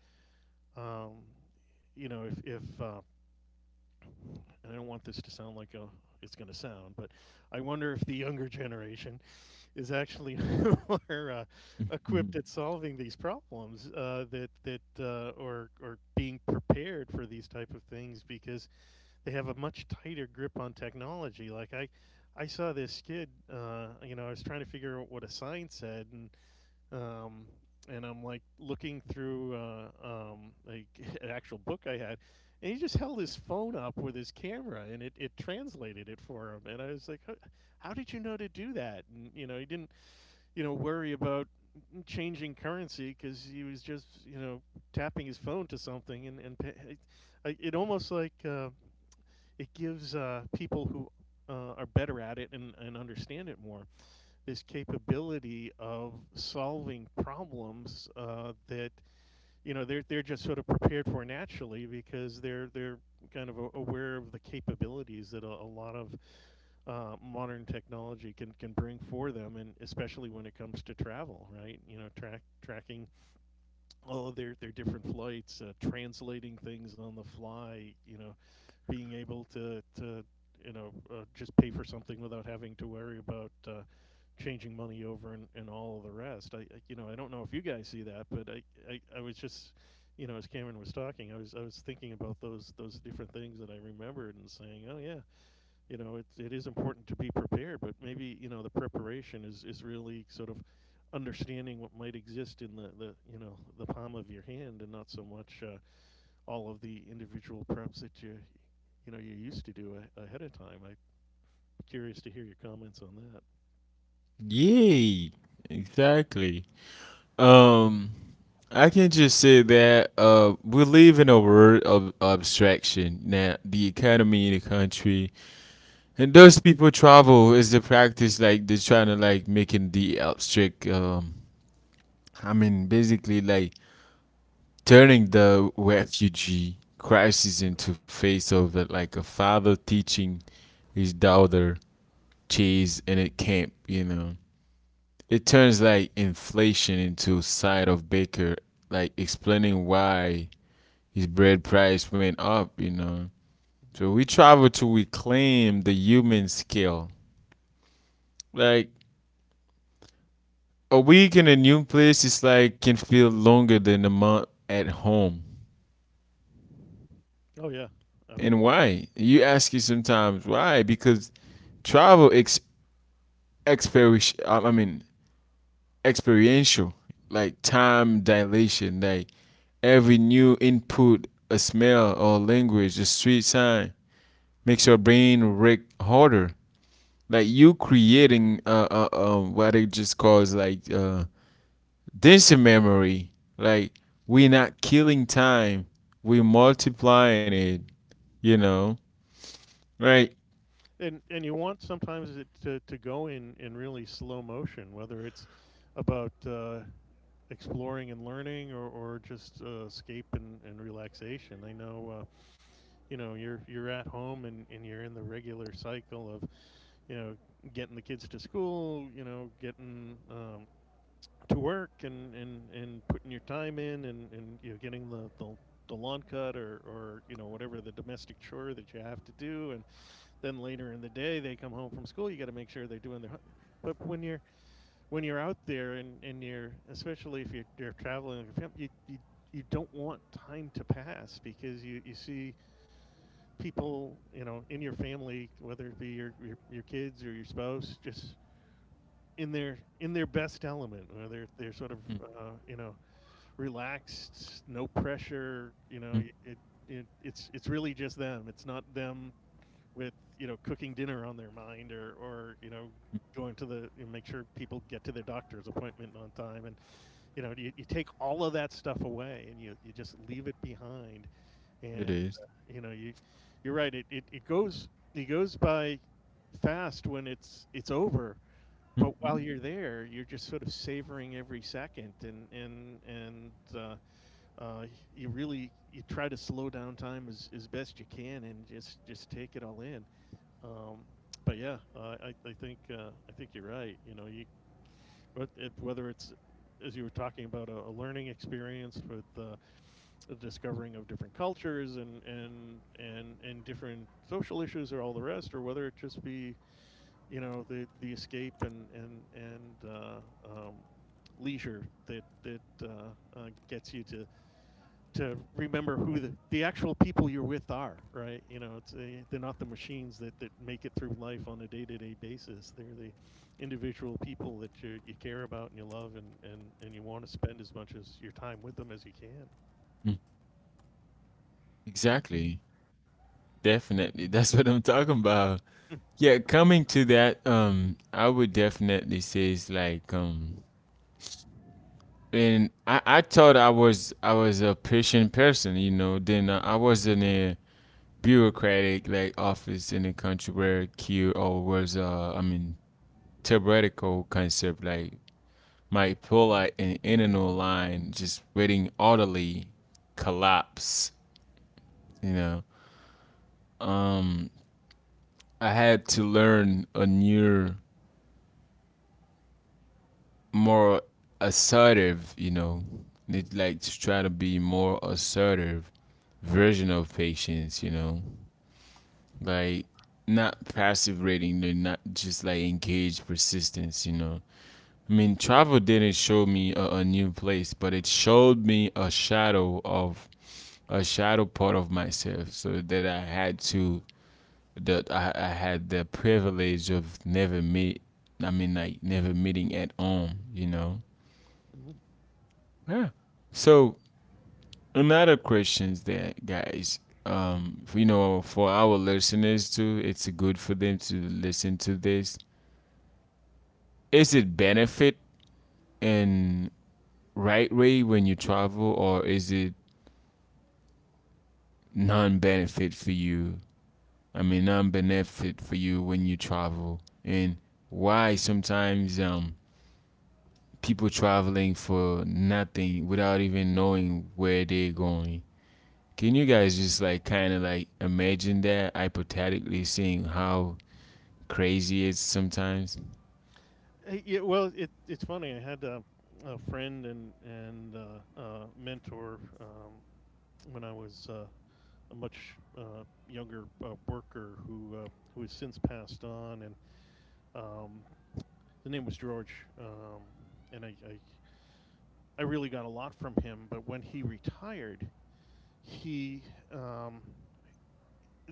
Speaker 2: um, you know, if and I don't want this to sound like a it's going to sound, but I wonder if the younger generation is actually more equipped at solving these problems, that that or being prepared for these type of things, because they have a much tighter grip on technology. Like I saw this kid. You know, I was trying to figure out what a sign said, and, um, and I'm like looking through like an actual book I had, and he just held his phone up with his camera, and it translated it for him. And I was like, "How- How did you know to do that?" And, you know, he didn't, you know, worry about changing currency, because he was just, you know, tapping his phone to something. It almost like, it gives people who are better at it, and understand it more, this capability of solving problems, that, you know, they're just sort of prepared for naturally, because they're kind of aware of the capabilities that a lot of modern technology can bring for them. And especially when it comes to travel, right? You know, tracking all of their different flights, translating things on the fly, you know, being able to, you know, just pay for something without having to worry about changing money over, and all of the rest. You know, I don't know if you guys see that, but I was just, you know, as Cameron was talking, I was thinking about those different things that I remembered, and saying, oh yeah, you know, it is important to be prepared, but maybe, you know, the preparation is really sort of understanding what might exist in you know, the palm of your hand, and not so much all of the individual preps that you know, you used to do ahead of time. I'm curious to hear your comments on that.
Speaker 1: yay, exactly. Um, I can just say that we live in a world of abstraction now. The economy, the country, and those people, travel is the practice, like, they're trying to, like, making the abstract. I mean, basically, like, turning the refugee crisis into face of it, like, a father teaching his daughter cheese in a camp, you know. It turns like inflation into side of baker, like, explaining why his bread price went up, you know. So we
Speaker 2: Mm-hmm.
Speaker 1: travel to reclaim the human scale, like, a week in a new place is like can feel longer than a month at home.
Speaker 2: Oh, yeah,
Speaker 1: And
Speaker 2: absolutely.
Speaker 1: why? You ask you sometimes why, because travel ex experience, I mean, experiential, like, time dilation, like, every new input, a smell or language, a street sign makes your brain work harder. Like, you creating what it just calls, like, density memory. Like, we're not killing time, we're multiplying it. You know, right?
Speaker 2: And you want sometimes it to go in really slow motion, whether it's about exploring and learning, or just escape, and relaxation. I know. You're at home, and you're in the regular cycle of you know getting the kids to school, getting to work, and putting your time in, and getting the lawn cut, or whatever the domestic chore that you have to do, and then later in the day they come home from school, you got to make sure they're doing their. But when you're out there, and you're, especially if you're traveling, you, you you don't want time to pass, because you see people, in your family, whether it be your kids or your spouse, just in their best element, where they're sort of relaxed, no pressure.
Speaker 1: Mm-hmm.
Speaker 2: It, it's really just them. It's not them with cooking dinner on their mind, or going to the, you make sure people get to their doctor's appointment on time. And you take all of that stuff away, and you just leave it behind.
Speaker 1: It
Speaker 2: And
Speaker 1: is.
Speaker 2: you know You're right, it goes by fast when it's over. But
Speaker 1: Mhm,
Speaker 2: while you're there you're just sort of savoring every second, and uh, uh, you really, you try to slow down time as best you can, and just take it all in. Um, but yeah uh, I think you're right, you know you. But whether it's, as you were talking about, a learning experience with the discovering of different cultures and different social issues or all the rest, or whether it just be the escape and um, leisure that gets you to remember who the actual people you're with are, right? You know, it's They're not the machines that make it through life on a day to day basis. They're the individual people that you care about and you love, and you want to spend as much as your time with them as you can.
Speaker 1: mm. Exactly. Definitely. That's what I'm talking about. Yeah, coming to that, I would definitely say it's like, and I thought I was a patient person, you know. Then I was in a bureaucratic, like, office in the country where Q or was I mean, theoretical concept, like, my polite an internal line just waiting orderly collapse, you know. Um I had to learn a new, more assertive, you know,
Speaker 2: Mm-hmm.
Speaker 1: it's like to try to be more assertive version of patience, you know. Like, not passive rating, they're not just like engage persistence, you know. I mean, travel didn't show me a new place, but it showed me a shadow of a shadow part of myself so that I had to that I had the privilege of never meet. I mean, like, never meeting at all. You know.
Speaker 2: Mm-hmm.
Speaker 1: Yeah. So, another questions there, guys. You know, for our listeners too, it's good for them to listen to this. Is it benefit and right way when you travel, or is it non-benefit for you? I mean, non-benefit for you when you travel, and why sometimes people traveling for nothing without even knowing where they're going. Can you guys just like kind of like imagine that hypothetically, seeing how crazy it's sometimes?
Speaker 2: Yeah, well, it's funny. I had a friend and mentor, when I was a much younger worker who has since passed on. And um, his name was George. And I really got a lot from him. But when he retired, he um,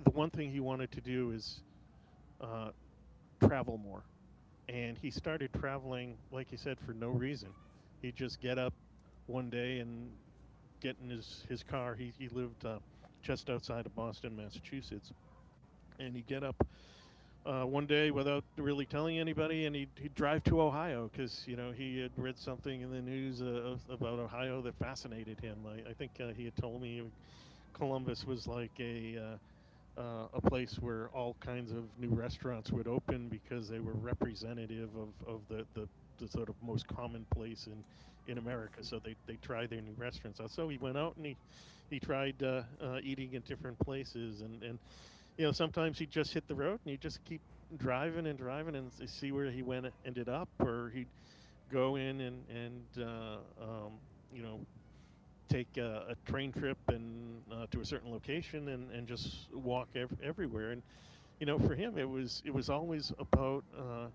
Speaker 2: the one thing he wanted to do is uh, travel more, and he started traveling, like you said, for no reason. He'd just get up one day and get in his car. He lived just outside of Boston, Massachusetts. And he'd get up one day without really telling anybody, and he'd drive to Ohio because, you know, he had read something in the news about Ohio that fascinated him. I think he had told me Columbus was like a place where all kinds of new restaurants would open, because they were representative of the sort of most common place in America. So they try their new restaurants out. So he went out and he tried eating in different places. And, you know, sometimes he'd just hit the road and he'd just keep driving and driving and see where he went ended up, or he'd go in and um, you know, take a train trip and to a certain location, and just walk everywhere. And you know, for him, it was always about,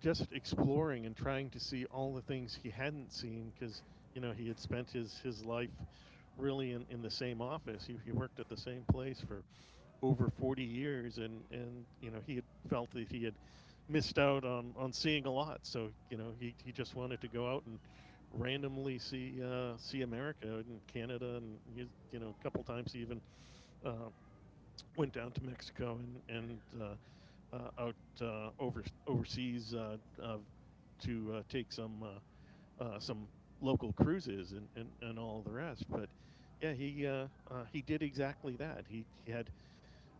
Speaker 2: just exploring and trying to see all the things he hadn't seen, because you know he had spent his life really in the same office. He worked at the same place for over 40 years, and you know he had felt that he had missed out on seeing a lot. So you know he just wanted to go out and randomly see America and Canada, and he's, you know, a couple times he even uh, went down to Mexico and out, overseas, uh, to take some local cruises, and all the rest. But yeah, he did exactly that. He had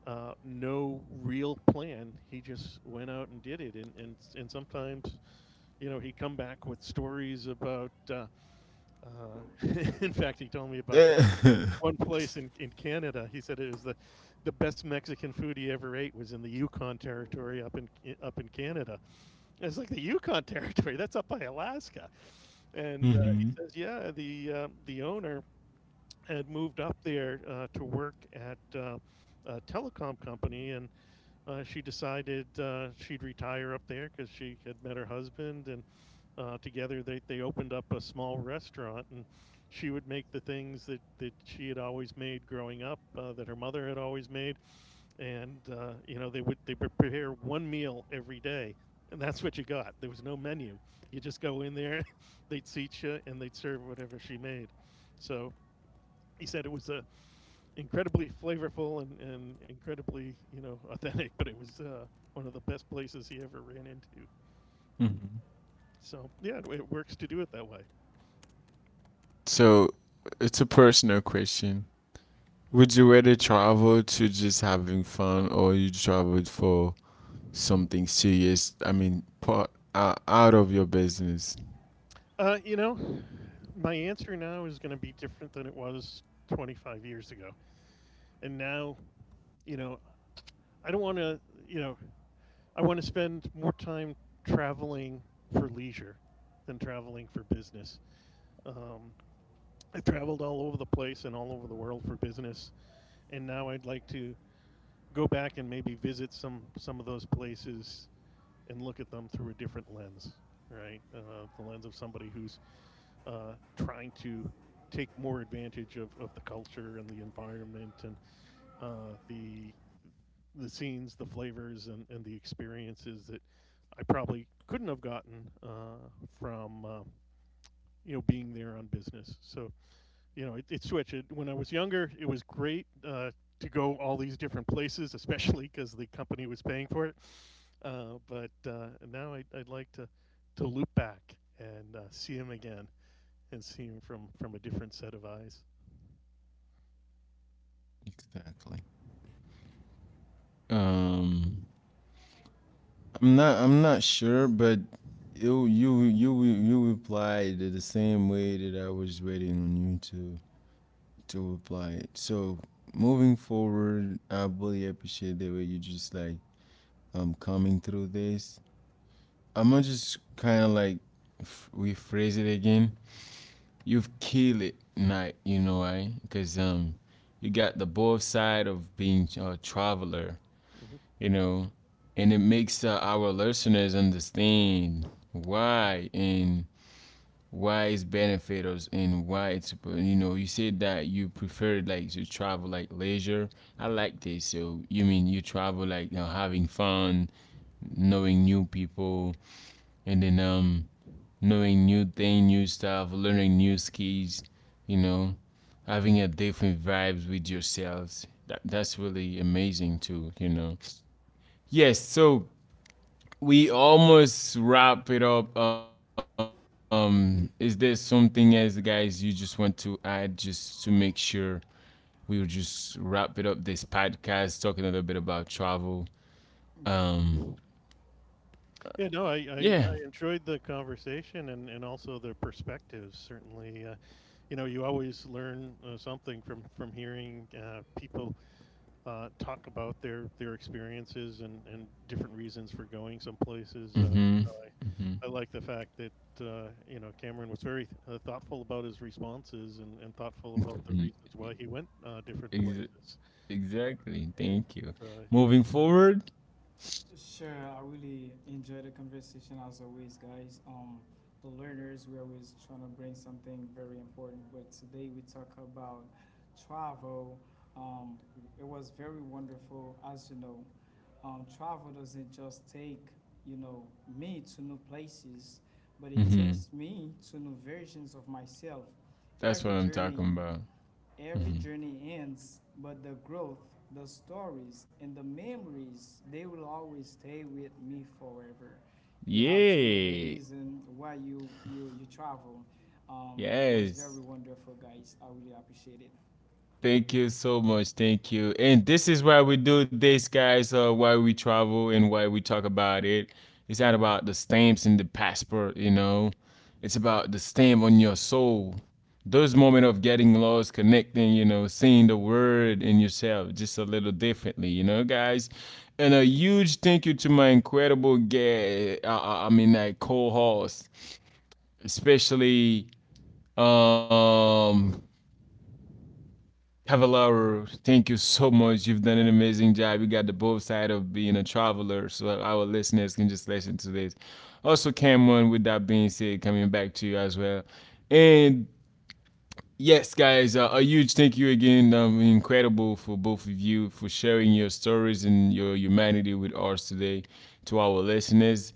Speaker 2: no real plan. He just went out and did it, and sometimes you know he'd come back with stories about. Uh, in fact, he told me about this one place in Canada. He said it was the best Mexican food he ever ate was in the Yukon Territory up in Canada. And it's like the Yukon Territory that's up by Alaska, and he
Speaker 1: Mm-hmm.
Speaker 2: says, yeah, the owner had moved up there to work at. A telecom company, and she decided she'd retire up there because she had met her husband, and together they opened up a small restaurant. And she would make the things that she had always made growing up, that her mother had always made, and you know they would prepare one meal every day, and that's what you got. There was no menu. You just go in there, they'd seat you, and they'd serve whatever she made. So he said it was a incredibly flavorful, and incredibly, you know, authentic. But it was one of the best places he ever ran into.
Speaker 1: Mm-hmm.
Speaker 2: So yeah, it works to do it that way.
Speaker 1: So, it's a personal question. Would you rather travel to just having fun, or you traveled for something serious? I mean, part, out of your business.
Speaker 2: You know, my answer now is going to be different than it was 25 years ago. And now, you know, I don't want to, you know, I want to spend more time traveling for leisure than traveling for business. Um, I've traveled all over the place and all over the world for business, and now I'd like to go back and maybe visit some of those places and look at them through a different lens, right? The lens of somebody who's trying to take more advantage of the culture and the environment and uh, the the scenes, the flavors, and the experiences that I probably couldn't have gotten from you know being there on business. So you know, it switched. When I was younger, it was great to go all these different places, especially because the company was paying for it. But now I'd like to loop back and see him again, and see him from a different set of eyes.
Speaker 1: Exactly. Um, I'm not sure, but you replied the same way that I was waiting on you to reply. So moving forward, I really appreciate the way you just like, coming through this. I'm gonna just kind of like rephrase it again. You've killed it, night. You know why? Because you got the both side of being a traveler,
Speaker 2: hmm
Speaker 1: you know, and it makes our listeners understand why, and why it's beneficial and why it's, you know, you said that you prefer like to travel like leisure. I like this. So you mean you travel like, you know, having fun, knowing new people, and then knowing new thing, new stuff, learning new skills, you know, having a different vibes with yourselves. That's really amazing too, you know. Yes, so we almost wrap it up. Is there something else, guys, you just want to add just to make sure we will just wrap it up this podcast, talking a little bit about travel?
Speaker 3: Yeah.
Speaker 1: Um,
Speaker 2: Yeah, no, I,
Speaker 1: yeah.
Speaker 2: I, I enjoyed the conversation, and also the perspectives. Certainly. You know, you always learn something from hearing people talk about their experiences and different reasons for going some places. You
Speaker 1: Mm-hmm.
Speaker 2: know, I like the fact that. You know, Cameron was very thoughtful about his responses, and thoughtful about the
Speaker 1: Mm-hmm.
Speaker 2: reasons why he went different
Speaker 1: Ex-
Speaker 2: places.
Speaker 1: exactly.
Speaker 2: And
Speaker 1: Thank you.
Speaker 2: you know,
Speaker 1: Moving forward.
Speaker 3: Sure, I really enjoyed the conversation as always, guys. The learners, we're always trying to bring something very important, but today we talk about travel. Um, it was very wonderful, as you know. Travel doesn't just take, you know, me to new places, but it
Speaker 1: Mm-hmm.
Speaker 3: takes me to new versions of myself.
Speaker 1: That's
Speaker 3: Every
Speaker 1: what I'm
Speaker 3: journey
Speaker 1: talking about.
Speaker 3: Every
Speaker 1: Mm-hmm.
Speaker 3: journey ends, but the growth, the stories, and the memories, they will always stay with me forever. You have to know the
Speaker 1: Yay.
Speaker 3: reason why you travel. It was
Speaker 1: Yes.
Speaker 3: very wonderful, guys. I really appreciate it.
Speaker 1: Thank you so much. Thank you. And this is why we do this, guys. Why we travel and why we talk about it. It's not about the stamps and the passport, you know. It's about the stamp on your soul. Those moments of getting lost, connecting, you know, seeing the word in yourself just a little differently, you know, guys. And a huge thank you to my incredible guest. I mean, like, co-host, especially um Cavallaro, thank you so much. You've done an amazing job. You got the both side of being a traveler, so our listeners can just listen to this. Also, Cameron, with that being said, coming back to you as well. And yes, guys, a huge thank you again. Incredible for both of you for sharing your stories and your humanity with us today, to our listeners.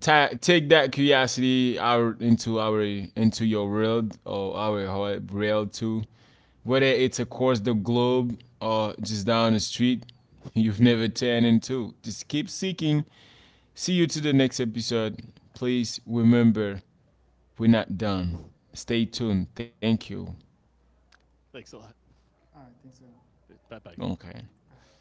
Speaker 1: Take that curiosity out into your world or our heart world too, whether it's across the globe or just down the street, you've never turned into. Just keep seeking. See you to the next episode. Please remember, we're not done. Stay tuned. Thank you.
Speaker 2: thanks a lot.
Speaker 3: All right, thanks. So. All
Speaker 2: Bye bye.
Speaker 1: Okay.
Speaker 3: right.